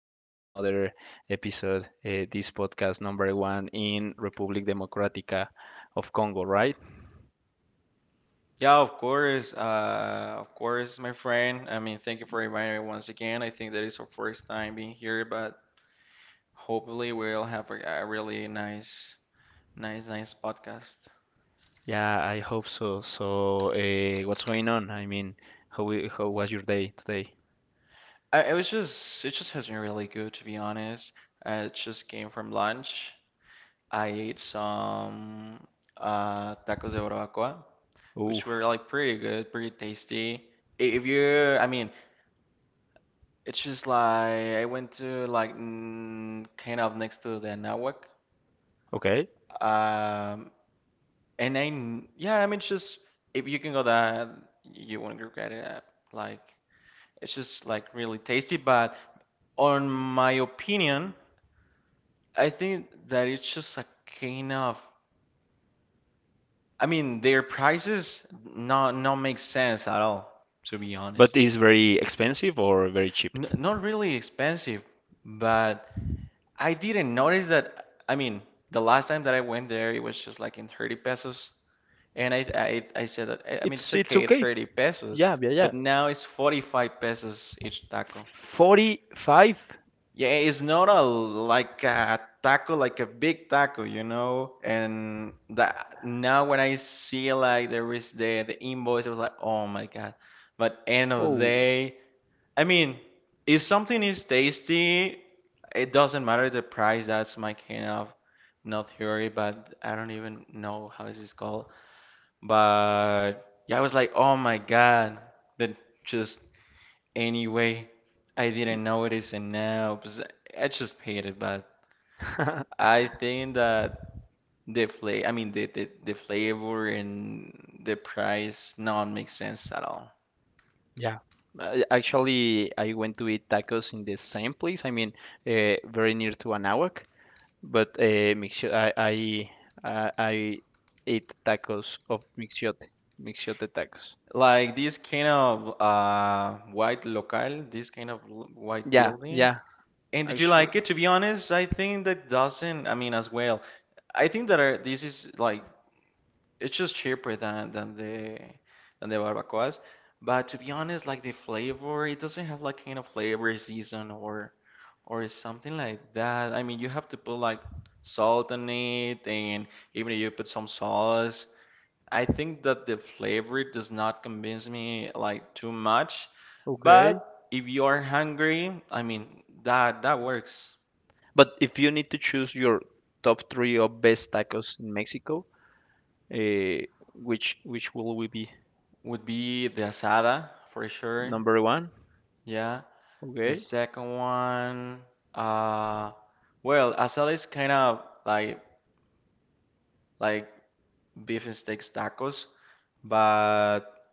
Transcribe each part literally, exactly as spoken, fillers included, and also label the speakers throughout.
Speaker 1: again in another episode. Uh, this podcast number one in Republic Democratica of Congo, right?
Speaker 2: Yeah, of course. Uh, of course, my friend. I mean, thank you for inviting me once again. I think that is our first time being here, but hopefully we'll have a, a really nice, nice, nice podcast.
Speaker 1: Yeah, I hope so. So, uh, what's going on? I mean, how we- how was your day today?
Speaker 2: I, it was just, it just has been really good, to be honest. I just came from lunch. I ate some uh, tacos de barbacoa, which
Speaker 1: Oof.
Speaker 2: were like pretty good, pretty tasty. I- If you, I mean, it's just like I went to like mm, kind of next to the Anáhuac.
Speaker 1: Okay.
Speaker 2: Um, and I, kn- yeah, I mean, it's just if you can go that, you won't regret it. uh, Like, it's just like really tasty. But on my opinion, I think that it's just a kind of, I mean, their prices not not make sense at all, to be honest.
Speaker 1: But is very expensive or very cheap?
Speaker 2: N not really expensive, but I didn't notice that. I mean, the last time that I went there, it was just like in thirty pesos. And I, I, I said that, I I mean, it's
Speaker 1: It's it's
Speaker 2: okay, it
Speaker 1: okay.
Speaker 2: thirty pesos,
Speaker 1: Yeah, yeah, yeah.
Speaker 2: but now it's forty-five pesos each taco.
Speaker 1: forty-five?
Speaker 2: Yeah, it's not a like a taco, like a big taco, you know? And that now when I see like there is the the invoice, I was like, oh my God. But end of the
Speaker 1: Oh.
Speaker 2: day, I mean, if something is tasty, it doesn't matter the price. That's my kind of not theory, but I don't even know how is this called. But yeah, I was like, oh my God, but just anyway, I didn't notice, and now 'cause I just hate it. But I think that the flavor, I mean, the, the the flavor and the price not make sense at all.
Speaker 1: Yeah. Uh, actually, I went to eat tacos in the same place. I mean, uh, very near to Anáhuac, but uh, mixio- I I uh, I ate tacos of mixiote, mixiote tacos.
Speaker 2: Like this kind of uh white local, this kind of l- white
Speaker 1: Yeah,
Speaker 2: building.
Speaker 1: yeah,
Speaker 2: And did you
Speaker 1: actually.
Speaker 2: like it? To be honest, I think that doesn't. I mean, as well, I think that uh, this is like it's just cheaper than than the than the barbacoas. But to be honest, like the flavor, it doesn't have like kind of flavor season or or something like that. I mean, you have to put like salt on it, and even if you put some sauce, I think that the flavor does not convince me like too much.
Speaker 1: Okay.
Speaker 2: But if you are hungry, I mean, that that works.
Speaker 1: But if you need to choose your top three of best tacos in Mexico, uh, which which will we be
Speaker 2: Would be the asada for sure.
Speaker 1: number one?
Speaker 2: Yeah. The
Speaker 1: Okay.
Speaker 2: second one, uh, well, asada is kind of like like beef and steaks tacos, but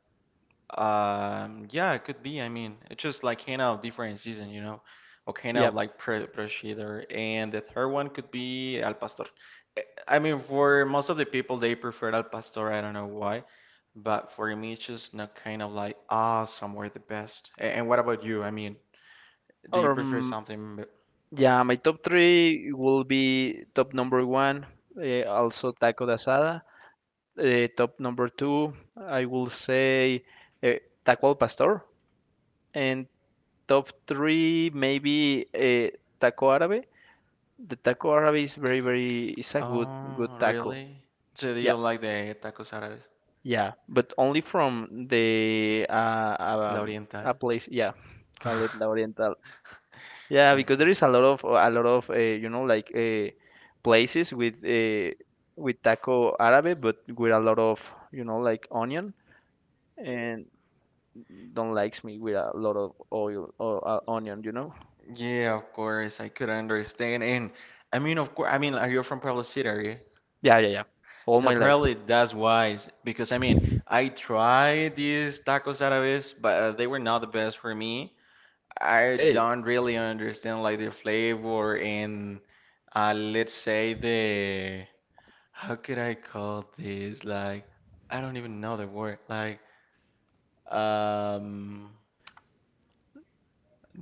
Speaker 2: um, yeah, it could be. I mean, it's just like kind of different season, you know, or kind of
Speaker 1: Yep.
Speaker 2: like pre prosciutto. And the third one could be al pastor. Eh, I mean, for most of the people, they prefer al pastor. I don't know why, but for me, it's just not kind of like ah, somewhere the best. A- And what about you? I mean, do you
Speaker 1: Or
Speaker 2: prefer something?
Speaker 1: yeah, my top three will be top number one, uh, also taco de asada. Uh, top number two, I will say uh, taco al pastor. And top three, maybe uh, taco árabe. The taco árabe is very, very, it's a good, good
Speaker 2: Oh,
Speaker 1: taco.
Speaker 2: really? So do you
Speaker 1: Yeah,
Speaker 2: like the tacos árabes?
Speaker 1: yeah, but only from the uh,
Speaker 2: La
Speaker 1: um, a
Speaker 2: Oriental?
Speaker 1: place, yeah, call it La Oriental. Yeah,
Speaker 2: Okay.
Speaker 1: because there is a lot of a lot of uh, you know like uh, places with uh, with taco árabe, but with a lot of you know like onion, and don't likes me with a lot of oil or uh, onion, you know.
Speaker 2: Yeah, of course. I could understand. And I mean, of course, I mean, are you from Pueblo City area?
Speaker 1: Yeah, yeah, yeah. All
Speaker 2: So
Speaker 1: my life.
Speaker 2: probably that's wise because I mean, I tried these tacos árabes, but uh, they were not the best for me. I
Speaker 1: Okay,
Speaker 2: don't really understand like the flavor and uh, let's say, the how could I call this? Like I don't even know the word. Like um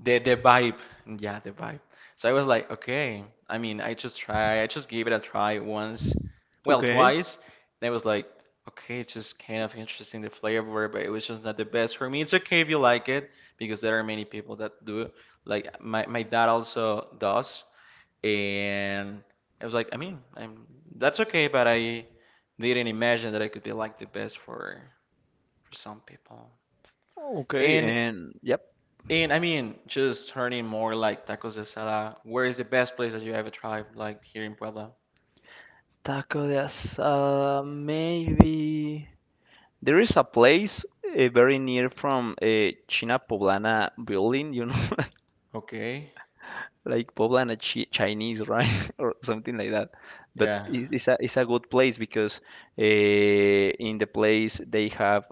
Speaker 2: the the vibe, yeah, the vibe. So I was like, okay, I mean, i just try I just gave it a try once, well,
Speaker 1: okay,
Speaker 2: twice, and I was like, okay, it's just kind of interesting the flavor, but it was just not the best for me. It's okay if you like it, because there are many people that do, like my, my dad also does. And I was like, I mean, I'm that's okay, but I didn't imagine that I could be like the best for for some people.
Speaker 1: okay,
Speaker 2: and
Speaker 1: and yep.
Speaker 2: And I mean, just turning more like tacos de asada, where is the best place that you ever tried, like here in Puebla?
Speaker 1: Taco de asada, maybe. There is a place uh, very near from uh, China Poblana building, you know.
Speaker 2: Okay,
Speaker 1: Like Poblana chi Chinese, right, or something like that. But
Speaker 2: yeah,
Speaker 1: it- it's a it's a good place because uh, in the place they have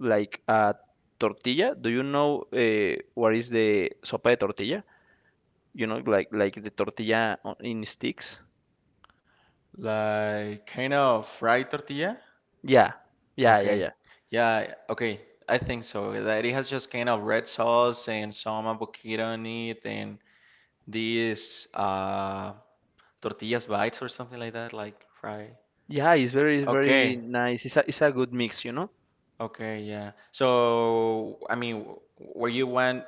Speaker 1: like a tortilla. Do you know uh, what is the sopa de tortilla? You know, like like the tortilla on- in sticks.
Speaker 2: like kind of fried tortilla.
Speaker 1: Yeah, yeah, yeah,
Speaker 2: Okay,
Speaker 1: yeah.
Speaker 2: yeah, okay, I think so. That it has just kind of red sauce and some avocado on it, and these uh tortillas bites or something like that, like fry.
Speaker 1: Yeah, it's very it's very
Speaker 2: Okay,
Speaker 1: nice. It's a it's a good mix, you know.
Speaker 2: okay, yeah. So, I mean, where you went.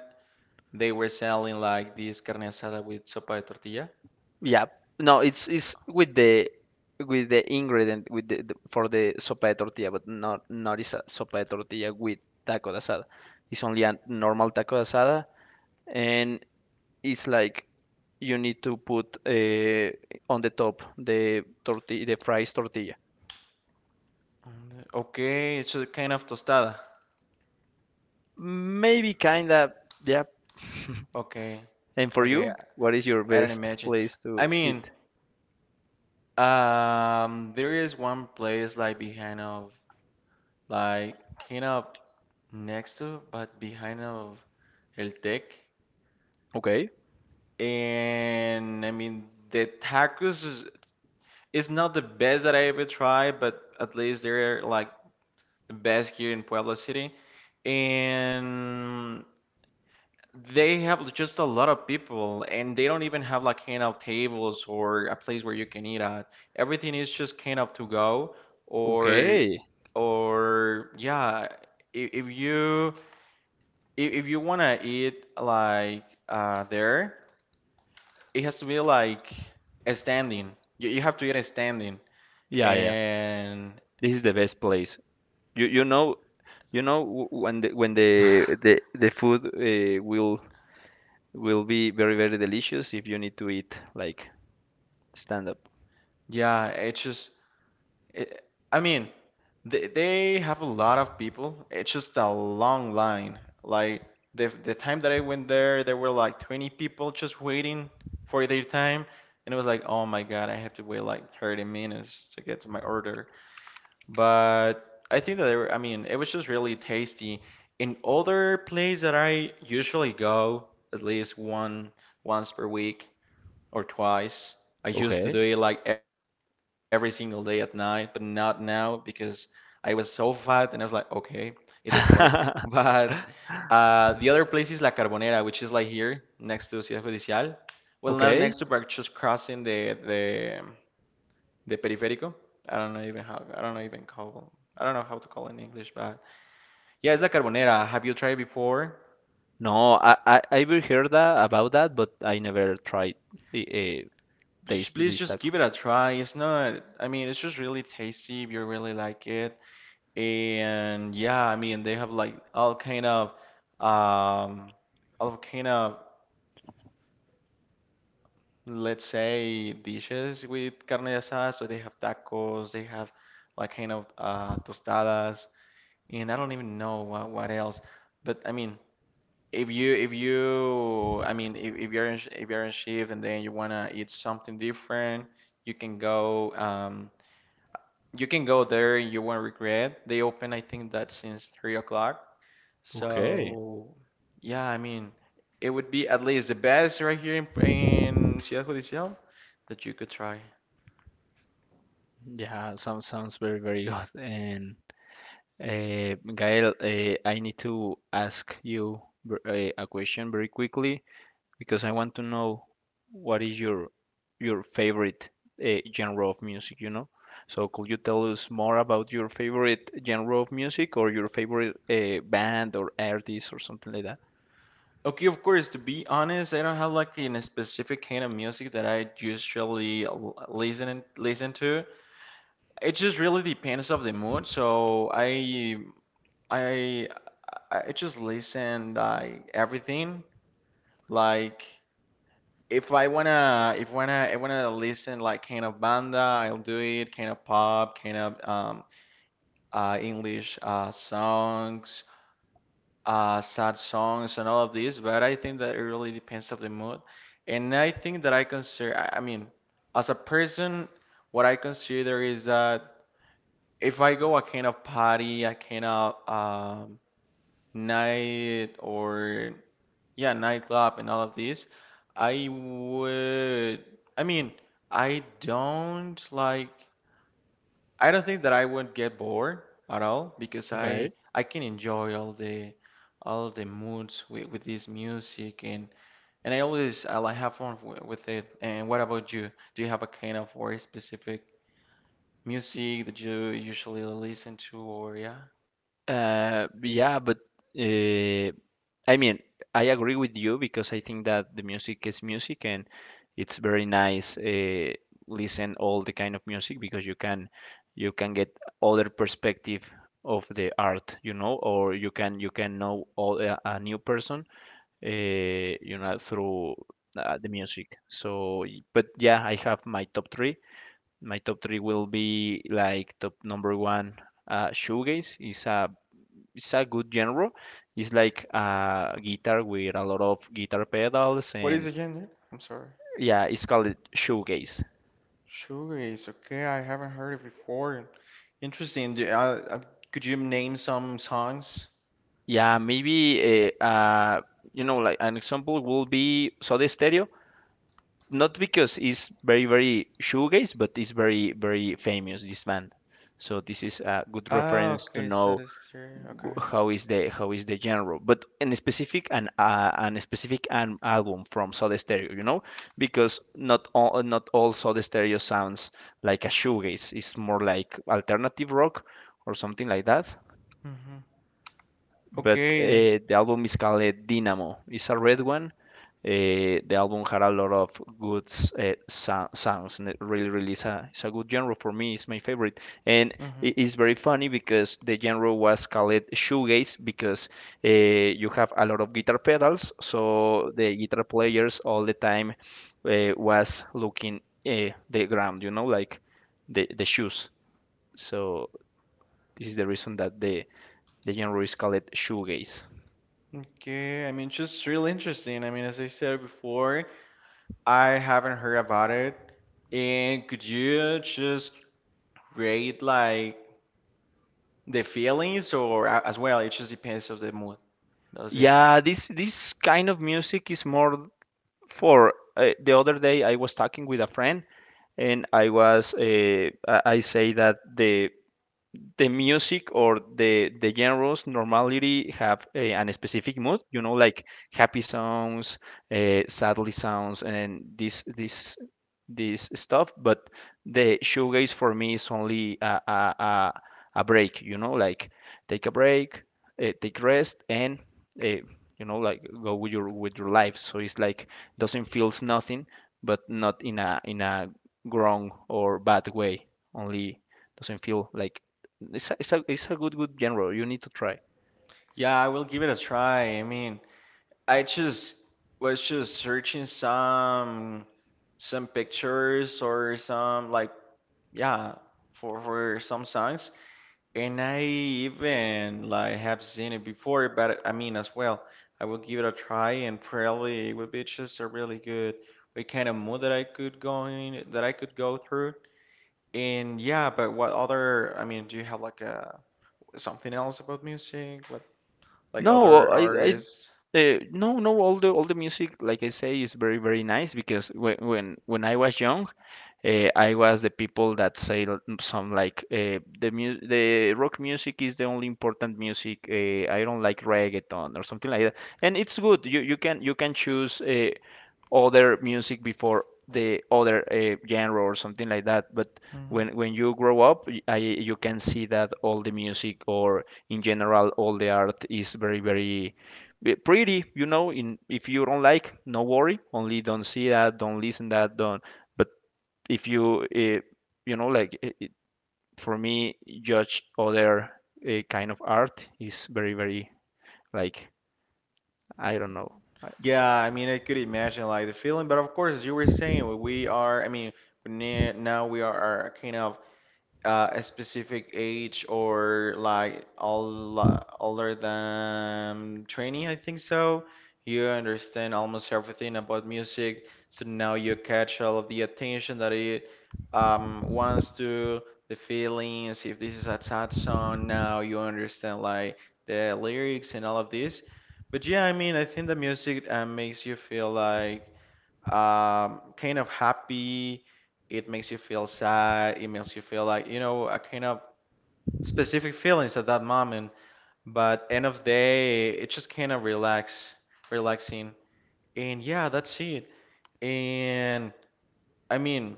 Speaker 2: They were selling like this carne asada with sopa de tortilla.
Speaker 1: Yeah. No, it's it's with the with the ingredient with the, the for the sopa de tortilla, but not not is a sopa de tortilla with taco de asada. It's only a normal taco de asada, and it's like you need to put uh, on the top the tortilla, the fries tortilla.
Speaker 2: Mm, okay, it's a kind of tostada.
Speaker 1: Maybe kinda, yeah.
Speaker 2: Okay.
Speaker 1: And for
Speaker 2: Okay,
Speaker 1: you, what is your
Speaker 2: I don't
Speaker 1: best
Speaker 2: imagine.
Speaker 1: place
Speaker 2: I
Speaker 1: to eat?
Speaker 2: mean, um, there is one place like behind of, like kind of next to, but behind of El Tec.
Speaker 1: Okay.
Speaker 2: And I mean, the tacos is, is not the best that I ever tried, but at least they're like the best here in Puebla City. And they have just a lot of people, and they don't even have like handout tables or a place where you can eat at. Everything is just kind of to go, or
Speaker 1: Okay.
Speaker 2: or yeah, if, if you if, if you wanna eat like uh there, it has to be like a standing. You you have to eat a standing,
Speaker 1: Yeah, yeah.
Speaker 2: and
Speaker 1: This is the best place. You you know you know w- when the when the the, the food uh, will will be very very delicious if you need to eat like stand up.
Speaker 2: yeah, it's just It, I mean, they, they have a lot of people. It's just a long line. Like the the time that I went there, there were like twenty people just waiting for their time, and it was like, oh my God, I have to wait like thirty minutes to get to my order. But I think that they were, I mean, it was just really tasty. In other place that I usually go, at least one once per week, or twice. I used to do
Speaker 1: Okay.
Speaker 2: it like every single day at night, but not now because I was so fat and I was like, okay, it doesn't work. But uh, the other place is La Carbonera, which is like here next to Ciudad Judicial. Well, not
Speaker 1: Okay.
Speaker 2: next to, but just crossing the the the periférico. I don't know even how I don't know even call I don't know how to call it in English, but yeah, it's La Carbonera. Have you tried it before?
Speaker 1: No, I I I've heard that about that, but I never tried uh,
Speaker 2: Please
Speaker 1: taste
Speaker 2: please
Speaker 1: this
Speaker 2: just
Speaker 1: taco.
Speaker 2: give it a try. It's not, I mean, it's just really tasty if you really like it. And yeah, I mean they have like all kind of um all kind of let's say dishes with carne asada. So they have tacos, they have like kind of uh tostadas, and I don't even know what what else. But I mean, if you if you I mean, if, if you're in, sh- if you're in shift and then you wanna eat something different, you can go um you can go there. You won't regret. They open I think that since three o'clock.
Speaker 1: Okay.
Speaker 2: So, yeah, I mean, it would be at least the best right here in, in Ciudad Judicial that you could try.
Speaker 1: Yeah, sounds sounds very very good. And uh, Gael, uh, I need to ask you ver- uh, a question very quickly. Because I want to know what is your your favorite uh, genre of music, you know? So could you tell us more about your favorite genre of music or your favorite uh, band or artist or something like that?
Speaker 2: Okay, of course, to be honest, I don't have like in a specific kind of music that I usually l- listen listen to. It just really depends of the mood. So I I I just listen like everything. Like if I wanna if wanna I wanna listen like kind of banda, I'll do it. Kind of pop, kind of um uh, English uh, songs, uh, sad songs, and all of these. But I think that it really depends of the mood. And I think that I consider, I I mean, as a person, what I consider is that if I go a kind of party, a kind of um, night or yeah, nightclub and all of these, I would, I mean, I don't like. I don't think that I would get bored at all, because I
Speaker 1: Okay.
Speaker 2: I can enjoy all the all the moods with, with this music, and and I always I like have fun w- with it. And what about you? Do you have a kind of very specific music that you usually listen to or yeah?
Speaker 1: Uh, yeah, but uh, I mean, I agree with you because I think that the music is music and it's very nice uh, listen all the kind of music because you can you can get other perspective of the art, you know, or you can you can know all, a, a new person, uh, you know, through uh, the music. So, y- but yeah, I have my top three. My top three will be like top number one, uh, shoegaze is a it's a good genre. It's like a guitar with a lot of guitar pedals,
Speaker 2: What is
Speaker 1: and
Speaker 2: the genre? I'm sorry.
Speaker 1: yeah, it's called shoegaze.
Speaker 2: Shoegaze. Okay, I haven't heard it before. Interesting. Do, uh, uh, could you name some songs?
Speaker 1: Yeah, maybe uh, uh, you know, like an example will be Soda Stereo. Not because it's very, very shoegaze, but it's very, very famous, this band. So this is a good
Speaker 2: Ah,
Speaker 1: reference to
Speaker 2: okay, so
Speaker 1: know
Speaker 2: that's true.
Speaker 1: w-
Speaker 2: Okay.
Speaker 1: how is the how is the genre but in a specific and uh, and a specific an album from Soda Stereo, you know, because not all not all Soda Stereo sounds like a shoegaze. It's more like alternative rock or something like that.
Speaker 2: Mm-hmm.
Speaker 1: But
Speaker 2: Okay.
Speaker 1: uh, the album is called eh, Dynamo. It's a red one. Uh, the album had a lot of good s- uh, sou- sounds, and it really, really is a, it's a good genre for me. It's my favorite, and
Speaker 2: Mm-hmm.
Speaker 1: it is very funny because the genre was called shoegaze because uh, you have a lot of guitar pedals, so the guitar players all the time uh, was looking uh, the ground, you know, like the the shoes. So this is the reason that the the genre is called shoegaze.
Speaker 2: Okay, I mean, just real interesting. I mean, as I said before, I haven't heard about it. And could you just rate like the feelings or a- as well? It just depends of the mood, does it?
Speaker 1: Yeah, this this kind of music is more for uh, the other day I was talking with a friend and I was uh, I I say that the the music or the the genres normally have a, an specific mood, you know, like happy songs, uh, sadly sounds and this this this stuff. But the shoegaze for me is only a, a, a, a break, you know, like take a break, uh, take rest, and uh, you know, like go with your with your life. So it's like doesn't feels nothing, but not in a in a wrong or bad way, only doesn't feel like it's a, it's a, it's a good good genre. You need to try.
Speaker 2: Yeah, I will give it a try. I mean, I just was just searching some some pictures or some like yeah for for some songs. And I even like have seen it before, but I mean as well, I will give it a try, and probably it would be just a really good what kind of mood that I could go in that I could go through. And yeah, but what other I mean, do you have like a something else about music? What, like
Speaker 1: No,
Speaker 2: other
Speaker 1: I I
Speaker 2: artists?
Speaker 1: uh, no no all the all the music like I say is very very nice because when when when I was young. Uh, I was the people that say l- mm, some like uh, the mu- the rock music is the only important music. Uh, I don't like reggaeton or something like that. And it's good. You you can you can choose uh, other music before the other uh, genre or something like that. But
Speaker 2: Mhm.
Speaker 1: when when you grow up, y- I you can see that all the music or in general all the art is very very be- pretty, you know. In if you don't like, no worry, only don't see that, don't listen that, don't. But if you eh, you know like it, it- for me judge other eh, kind of art is very very like I don't know. I-
Speaker 2: Yeah, I mean, I could imagine like the feeling, but of course, as you were saying, we we are, I mean, we ne- now we are kind of uh, a specific age or like all older than twenty, I think so. You understand almost everything about music, so now you catch all of the attention that it um, wants to, the feelings. If this is a sad song, now you understand like the lyrics and all of this. But yeah, I mean, I think the music uh, makes you feel like um, kind of happy. It makes you feel sad. It makes you feel like, you know, a kind of specific feelings at that moment. But end of day, it just kind of relax, relaxing. And yeah, that's it. And I mean,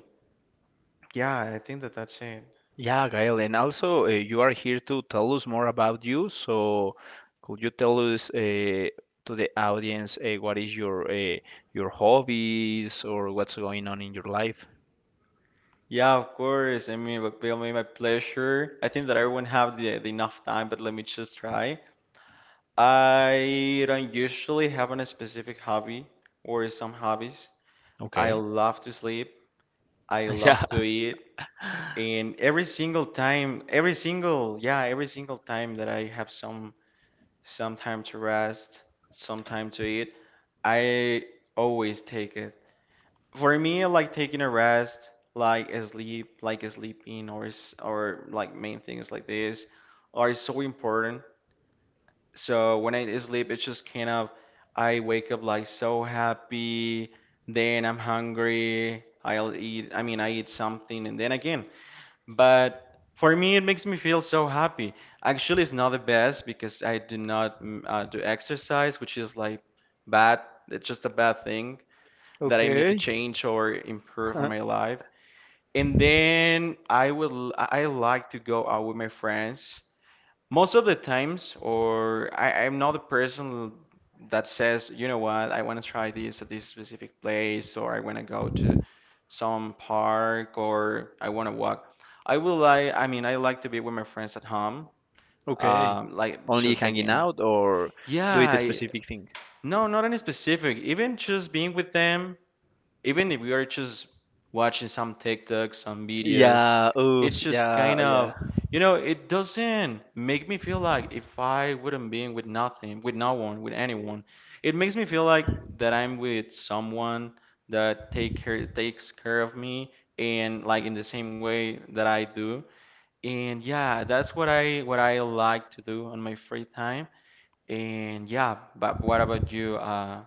Speaker 2: yeah, I think that that's it.
Speaker 1: Yeah, Gael, and also uh, you are here to tell us more about you. So could you tell us uh, to the audience uh, what is your uh, your hobbies or what's going on in your life?
Speaker 2: Yeah, of course. I mean, but it'll be my pleasure. I think that I won't have the, the enough time, but let me just try. I don't usually have a specific hobby or some hobbies. I
Speaker 1: Okay.
Speaker 2: love to sleep. I
Speaker 1: Yeah.
Speaker 2: love to eat. And every single time, every single, yeah, every single time that I have some some time to rest, some time to eat, I always take it. For me, like taking a rest, like a sleep, like a sleeping or s- or like main things like this are so important so when I sleep, it's just kind of I wake up like so happy, then I'm hungry, I'll eat, I mean, I eat something and then again. But for me, it makes me feel so happy. Actually, it's not the best because I do not mm, uh, do exercise, which is like bad. It's just a bad thing that I need to
Speaker 1: Okay.
Speaker 2: change or improve in my life. And then I would I I like to go out with my friends most of the times, or I, I'm not a person that says, you know what, I want to try this at this specific place, or I want to go to some park, or I want to walk. I will like, I mean, I like to be with my friends at home,
Speaker 1: Okay.
Speaker 2: um, like
Speaker 1: Only
Speaker 2: just
Speaker 1: hanging
Speaker 2: again.
Speaker 1: out or
Speaker 2: Yeah,
Speaker 1: do it a
Speaker 2: I,
Speaker 1: specific thing?
Speaker 2: no, not any specific. Even just being with them, even if we are just watching some TikToks, some videos,
Speaker 1: Yeah, oof,
Speaker 2: it's just kind
Speaker 1: yeah, yeah.
Speaker 2: of, you know, it doesn't make me feel like if I wouldn't be with nothing, with no one, with anyone, it makes me feel like that I'm with someone that take care takes care of me and like in the same way that I do. And yeah, that's what I what I like to do on my free time. And yeah, but what about you? Uh,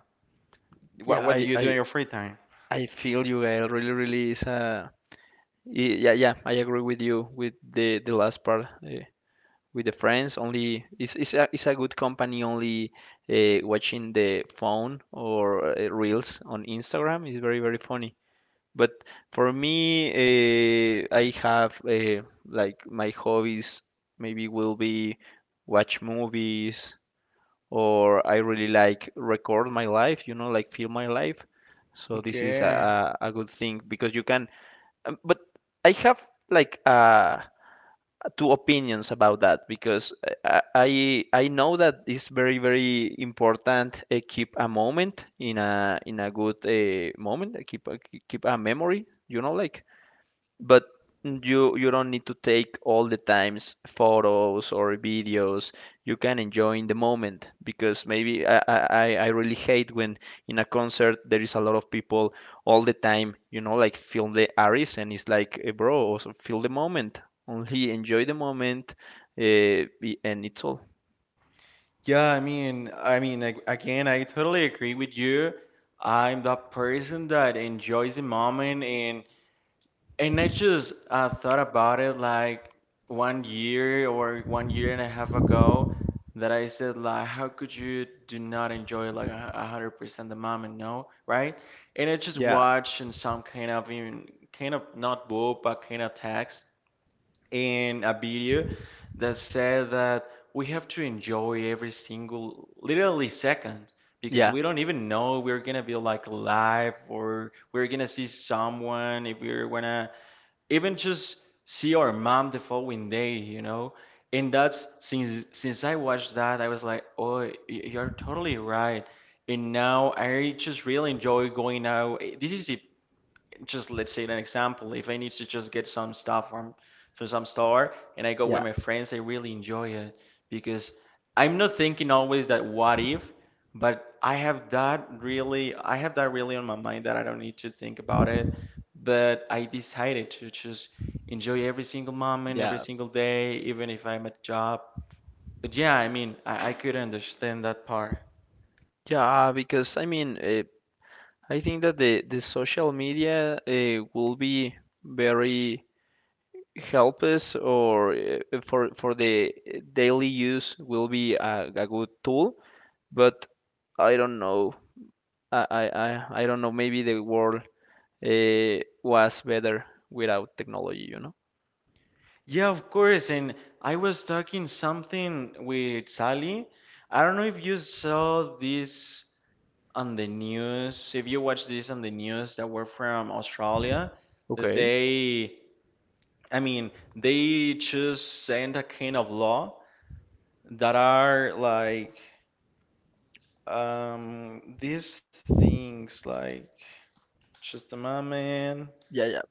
Speaker 2: what
Speaker 1: Yeah,
Speaker 2: what do
Speaker 1: I,
Speaker 2: you do
Speaker 1: I,
Speaker 2: in your free time?
Speaker 1: I feel you, Gael. Really, really is a. y- Yeah, yeah, I agree with you with the the last part uh, with the friends. Only it's it's a, it's a good company. Only uh, watching the phone or uh, reels on Instagram is very, very funny. But for me, uh, I have uh, like my hobbies. Maybe will be watch movies, or I really like record my life, you know, like film my life. So this is
Speaker 2: Okay.
Speaker 1: a, a good thing because you can. um, But I have like uh, two opinions about that because I I I know that it's very very important uh, keep a moment in a in a good uh, moment, uh, keep a, keep a memory. You know, like, but you you don't need to take all the times photos or videos. You can enjoy in the moment because maybe I, I I really hate when in a concert there is a lot of people, all the time you know like film the aries, and it's like eh, bro also feel the moment, only enjoy the moment, uh, and it's all.
Speaker 2: Yeah, I mean, I mean, like, again, I totally agree with you. I'm that person that enjoys the moment, and and I just uh, thought about it like one year or one year and a half ago that I said like, how could you do not enjoy like a a hundred percent the moment, no, right? And I just
Speaker 1: Yeah,
Speaker 2: watched in some kind of even kind of not book but kind of text in a video that said that we have to enjoy every single literally second because
Speaker 1: yeah,
Speaker 2: we don't even know we're gonna be like alive or we're gonna see someone if we're gonna even just see our mom the following day, you know. And that's since since I watched that, I was like, oh y- you're totally right, and now I just really enjoy going out. This is it. Just let's say an example, if I need to just get some stuff from from some store and I go with
Speaker 1: yeah,
Speaker 2: my friends, I really enjoy it because I'm not thinking always that what if, but i have that really I have that really on my mind that I don't need to think about it, but I decided to just enjoy every single moment, every
Speaker 1: yeah,
Speaker 2: single day, even if I'm at job. But yeah, I mean, i, I could understand that part.
Speaker 1: yeah, because I mean uh, I think that the the social media uh, will be very help us or uh, for for the daily use will be a, a good tool. But I don't know, i i I don't know, maybe the world uh, was better without technology, you know.
Speaker 2: Yeah, of course. And I was talking something with Sally. I don't know if you saw this on the news, if you watched this on the news that were from Australia.
Speaker 1: Okay.
Speaker 2: They, I mean, they just send a kind of law that are like um these things like just a moment,
Speaker 1: Yeah, yeah,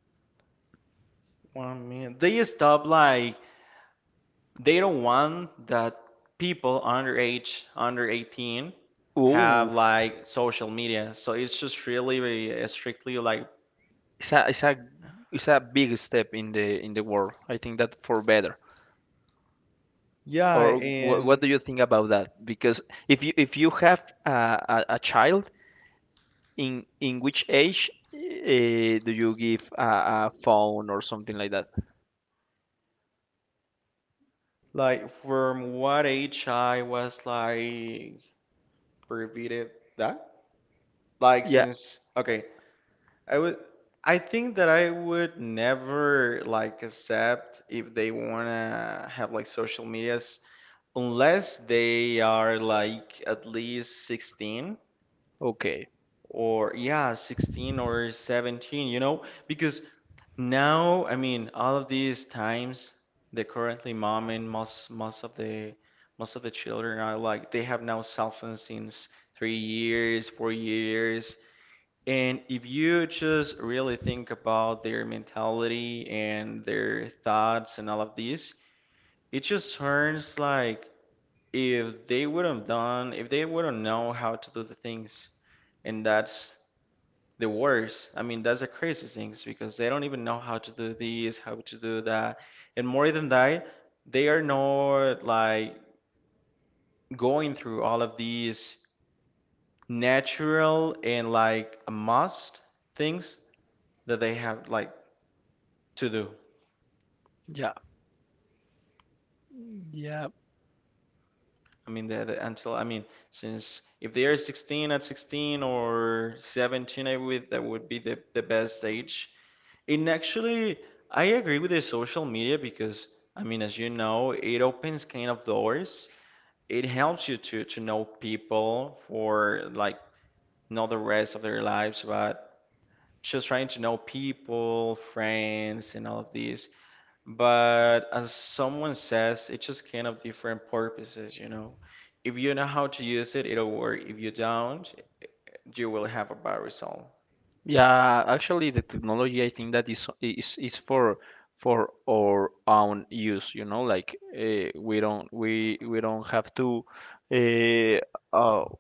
Speaker 2: one minute. They stop like they don't want that people under age, under eighteen, have
Speaker 1: oh,
Speaker 2: like social media, so it's just really very strictly like
Speaker 1: it's a it's a it's a big step in the in the world, I think that for better.
Speaker 2: yeah.
Speaker 1: Or wh- what
Speaker 2: And
Speaker 1: do you think about that? Because if you if you have a, a, a child. In in which age uh, do you give a, a phone or something like that?
Speaker 2: like from what age I was like prohibited that like
Speaker 1: Yeah.
Speaker 2: since okay, I would I think that I would never like accept if they wanna have like social medias unless they are like at least sixteen,
Speaker 1: Okay.
Speaker 2: or yeah, sixteen or seventeen, you know, because now, I mean, all of these times, the currently mom and most most of the most of the children are like they have now cell phones since three years, four years. And if you just really think about their mentality and their thoughts and all of this, it just turns like if they wouldn't done, if they wouldn't know how to do the things, and that's the worst. I mean, that's the crazy things because they don't even know how to do this, how to do that. And more than that, they are not like going through all of these natural and like a must things that they have like to do.
Speaker 1: Yeah. Yeah.
Speaker 2: I mean, the, the, until I mean, since if they are sixteen at sixteen or seventeen, I would that would be the, the best age. And actually, I agree with the social media because, I mean, as you know, it opens kind of doors. It helps you to to know people for like not the rest of their lives, but just trying to know people, friends, and all of these. But as someone says, it's just kind of different purposes, you know. If you know how to use it, it'll work. If you don't, you will have a bad result.
Speaker 1: Yeah. Actually, the technology I think that is is is for for our own use. You know, like uh, we don't we we don't have to. Uh, oh,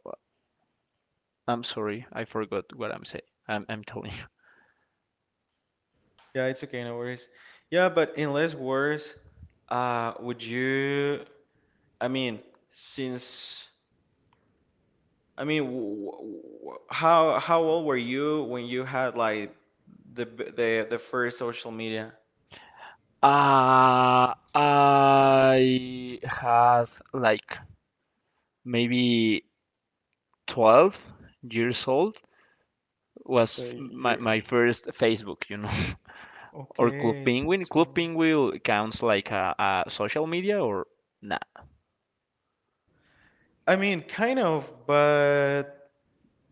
Speaker 1: I'm sorry. I forgot what I'm saying. I'm I'm telling you.
Speaker 2: Yeah, it's okay, no worries. Yeah, but in less words, uh, would you? I mean, since I mean, w w how how old were you when you had like the b- the the first social media?
Speaker 1: Uh, I had like maybe twelve years old was
Speaker 2: So
Speaker 1: f- my,
Speaker 2: you
Speaker 1: my first Facebook, you know, or Club
Speaker 2: okay since
Speaker 1: Penguin. Club
Speaker 2: twelve.
Speaker 1: Penguin counts like a, a social media or nah.
Speaker 2: I mean, kind of, but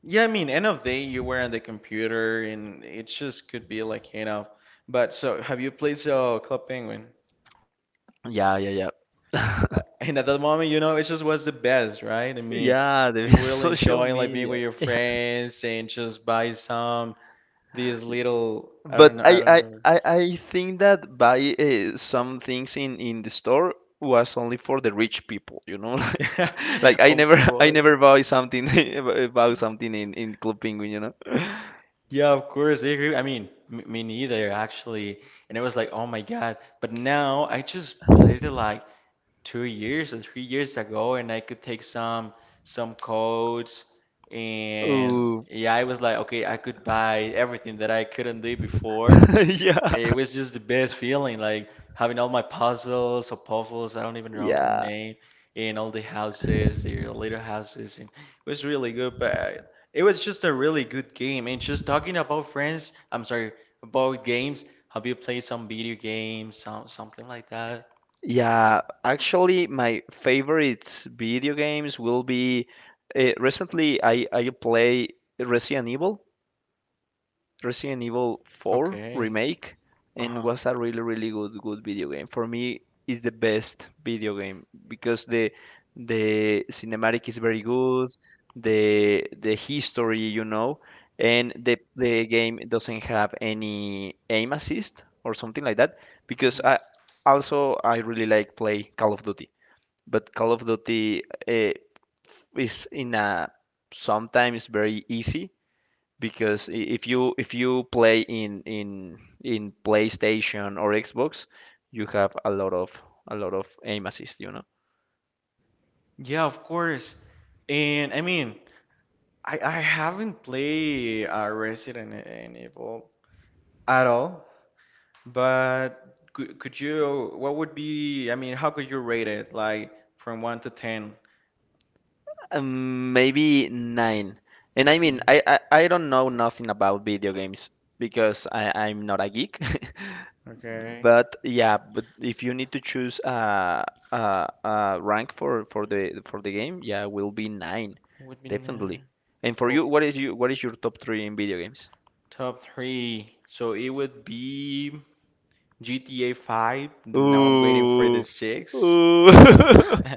Speaker 2: yeah, I mean, end of day you were on the computer and it just could be like hangout. But so have you played so Club Penguin?
Speaker 1: Yeah, yeah, yeah.
Speaker 2: Uh, And at that moment, you know, it just was the best, right? I mean,
Speaker 1: Yeah, the
Speaker 2: you will
Speaker 1: social
Speaker 2: enjoy like being
Speaker 1: media.
Speaker 2: with your
Speaker 1: Yeah.
Speaker 2: friends and just buy some these little I don't
Speaker 1: But
Speaker 2: know, I
Speaker 1: I,
Speaker 2: don't
Speaker 1: I,
Speaker 2: know.
Speaker 1: I, I think that buy uh, some things in, in the store was only for the rich people, you know?
Speaker 2: Yeah,
Speaker 1: Like like I never
Speaker 2: of
Speaker 1: I
Speaker 2: course.
Speaker 1: never buy something buy something in, in Club Penguin, you know?
Speaker 2: Yeah, of course, I agree. I mean, m me neither actually. And it was like, oh my God. But now I just played it like two years or three years ago, and I could take some some codes, and
Speaker 1: Ooh.
Speaker 2: yeah, I was like, okay, I could buy everything that I couldn't do before.
Speaker 1: Yeah.
Speaker 2: It was just the best feeling, like having all my puzzles or puzzles, I don't even know the
Speaker 1: Yeah.
Speaker 2: name, and all the houses, the little houses, and it was really good, but it was just a really good game. And just talking about friends, I'm sorry, about games, have you played some video games, some, something like that?
Speaker 1: Yeah, actually, my favorite video games will be uh, recently I I play Resident Evil. Resident Evil four
Speaker 2: Okay.
Speaker 1: remake, and
Speaker 2: Uh-huh.
Speaker 1: was a really really good good video game. For me, it's the best video game because the the cinematic is very good, the the history, you know, and the the game doesn't have any aim assist or something like that because
Speaker 2: Hmm.
Speaker 1: I also I really like play Call of Duty, but Call of Duty uh, is in a sometimes very easy because i- if you if you play in in in PlayStation or Xbox, you have a lot of a lot of aim assist, you know.
Speaker 2: Yeah, of course. And I mean, I, I haven't played uh, Resident E-, Evil at all. But could, could you, what would be, I mean, how could you rate it? Like from one to ten?
Speaker 1: Um, maybe nine. And I mean,
Speaker 2: No.
Speaker 1: I, I I don't know nothing about video games because I I'm not a geek.
Speaker 2: Okay.
Speaker 1: But yeah, but if you need to choose a a, a rank for for the for the game, yeah, will be nine,
Speaker 2: Would be nine.
Speaker 1: definitely. And for
Speaker 2: Oh,
Speaker 1: you, what is you what is your top three in video games?
Speaker 2: top three. So it would be G T A five. Now I'm waiting for
Speaker 1: Ooh.
Speaker 2: the six.
Speaker 1: Ooh.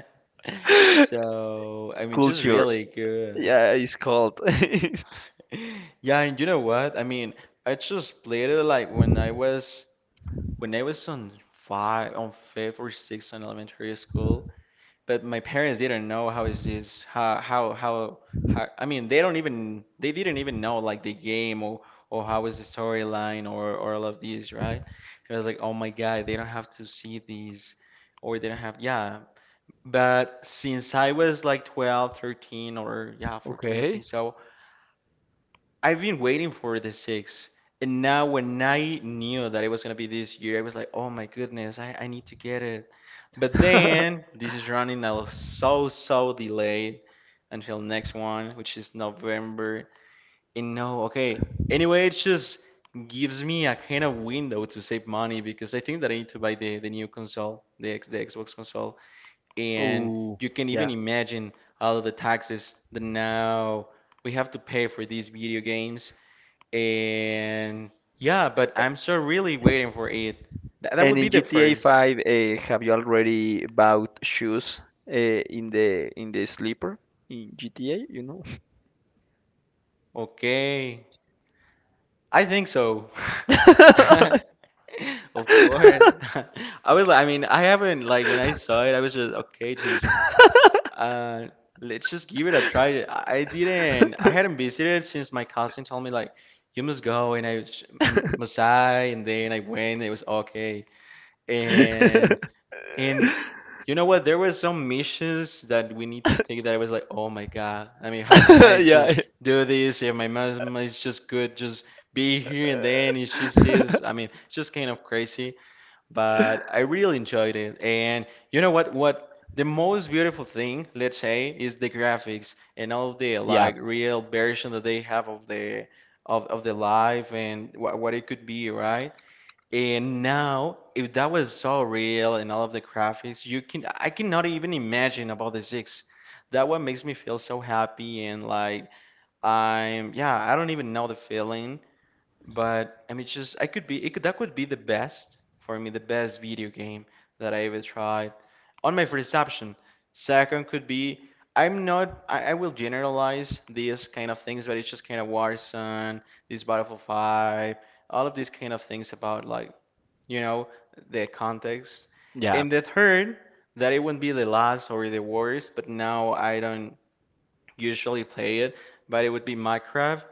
Speaker 2: So, I mean, just
Speaker 1: Culture.
Speaker 2: really good.
Speaker 1: Yeah, it's called.
Speaker 2: Yeah, and you know what? I mean, I just played it like when I was when I was on five, on fifth or sixth in elementary school. But my parents didn't know how is this how how how how I mean they don't even they didn't even know like the game or or how is the storyline or or all of these, right? It was like oh my God, they don't have to see these or they don't have, yeah. But since I was like twelve thirteen or yeah fourteen I think
Speaker 1: Okay.
Speaker 2: so, I've been waiting for the six, and now when I knew that it was gonna be this year, I was like, oh my goodness, I, I need to get it. But then this is running out so so delayed until next one, which is November. And no, okay. Anyway, it just gives me a kind of window to save money because I think that I need to buy the, the new console, the X, the Xbox console, and
Speaker 1: Oh,
Speaker 2: you can even
Speaker 1: yeah.
Speaker 2: imagine all of the taxes that now we have to pay for these video games. And yeah, but I'm still really waiting for it. Th That
Speaker 1: And
Speaker 2: would be
Speaker 1: in
Speaker 2: the
Speaker 1: G T A
Speaker 2: first.
Speaker 1: five, uh, have you already bought shoes uh, in the in the sleeper in G T A, you know?
Speaker 2: Okay. I think so. Of course. I was like, I mean, I haven't like when I saw it, I was just okay, just uh let's just give it a try. I I didn't I hadn't visited since my cousin told me like you must go and I was- m- must I, and then I went, it was okay. And And you know what? There were some missions that we need to take that I was like, oh my God. I mean, how can I
Speaker 1: Yeah,
Speaker 2: just do this? If my mom is just good, just be here and then if she sees, I mean, just kind of crazy. But I really enjoyed it. And you know what? What the most beautiful thing, let's say, is the graphics and all the
Speaker 1: yeah,
Speaker 2: like real version that they have of the of, of the life and what, what it could be, right? And now, if that was so real and all of the graphics, you can I cannot even imagine about the six. That what makes me feel so happy and like I'm yeah, I don't even know the feeling. But I mean, it's just I could be it could that could be the best for me, the best video game that I ever tried on my first option. Second could be I'm not I, I will generalize these kind of things, but it's just kind of Warzone, this Battlefield five, all of these kind of things about like you know the context.
Speaker 1: yeah,
Speaker 2: And the third, that it wouldn't be the last or the worst, but now I don't usually play it, but it would be Minecraft.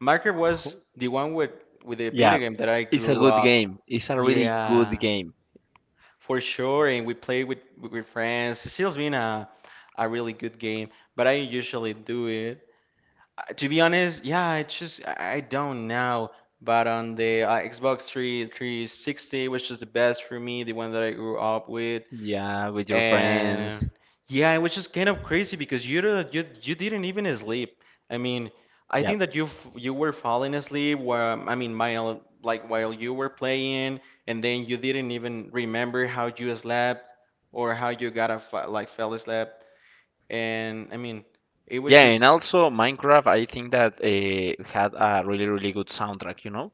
Speaker 2: Marker was the one with with the video
Speaker 1: yeah.
Speaker 2: game that I
Speaker 1: It's a
Speaker 2: grew
Speaker 1: good
Speaker 2: up.
Speaker 1: game. It's a really good
Speaker 2: Yeah,
Speaker 1: game.
Speaker 2: for sure. And we played with with friends. It's still been a a really good game, but I usually do it. Uh, To be honest, yeah, I just I I don't know. But on the uh, Xbox 3 360, which is the best for me, the one that I grew up with,
Speaker 1: Yeah, with your
Speaker 2: and
Speaker 1: friends.
Speaker 2: yeah, it was just kind of crazy because you don't- you you didn't even sleep. I mean, I
Speaker 1: Yeah.
Speaker 2: think that you f- you were falling asleep while I mean, while like while you were playing, and then you didn't even remember how you slept or how you got a fa- like fell asleep. And I mean, it was
Speaker 1: Yeah, and
Speaker 2: just
Speaker 1: also Minecraft, I think that uh, had a really really good soundtrack, you know?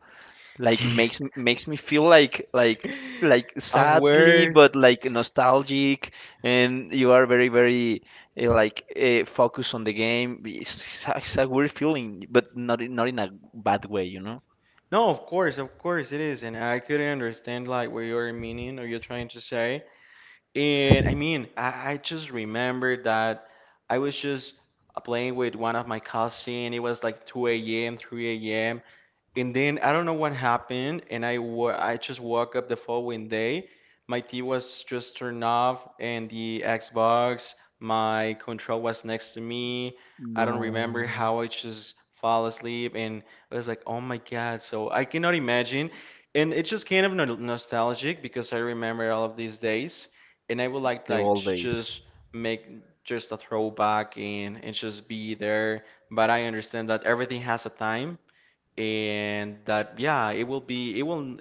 Speaker 1: Like makes makes me feel like like like
Speaker 2: a
Speaker 1: sadly
Speaker 2: word.
Speaker 1: but like nostalgic, and you are very very uh, like uh, focused on the game. It's, it's a weird feeling, but not in- not in a bad way, you know?
Speaker 2: No, of course, of course it is, and I couldn't understand like what you are meaning or you're trying to say. And I mean, I, I just remember that I was just uh, playing with one of my cousins. It was like two a m, three a m. And then I don't know what happened, and I wa- I just woke up the following day. My T V was just turned off, and the Xbox, my control was next to me. I don't remember
Speaker 1: No,
Speaker 2: how I just fall asleep, and I was like, oh my God. So I cannot imagine. And it's just kind of no nostalgic because I remember all of these days and I would like
Speaker 1: the
Speaker 2: like
Speaker 1: old
Speaker 2: to
Speaker 1: days.
Speaker 2: just make just a throwback and and just be there. But I understand that everything has a time, and that yeah, it will be it will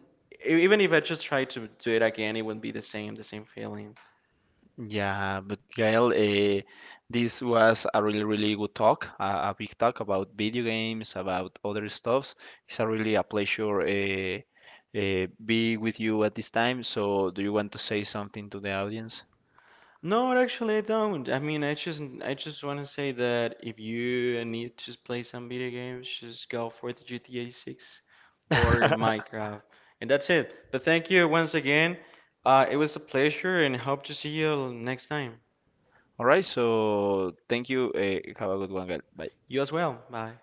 Speaker 2: e- even if I just try to do it again, it wouldn't be the same the same feeling.
Speaker 1: Yeah, but Gael, uh, this was a really, really good talk, uh, a big talk about video games, about other stuffs. It's a really a pleasure uh, uh, be with you at this time. So, do you want to say something to the audience?
Speaker 2: No, actually, I don't. I mean, I just I just want to say that if you need to play some video games, just go for the G T A six or
Speaker 1: All
Speaker 2: Minecraft, and that's it. But thank you once again. Uh, it was a pleasure, and hope to see you next time.
Speaker 1: right, so thank you. Uh, have a good one, Gael. Bye.
Speaker 2: You as well. Bye.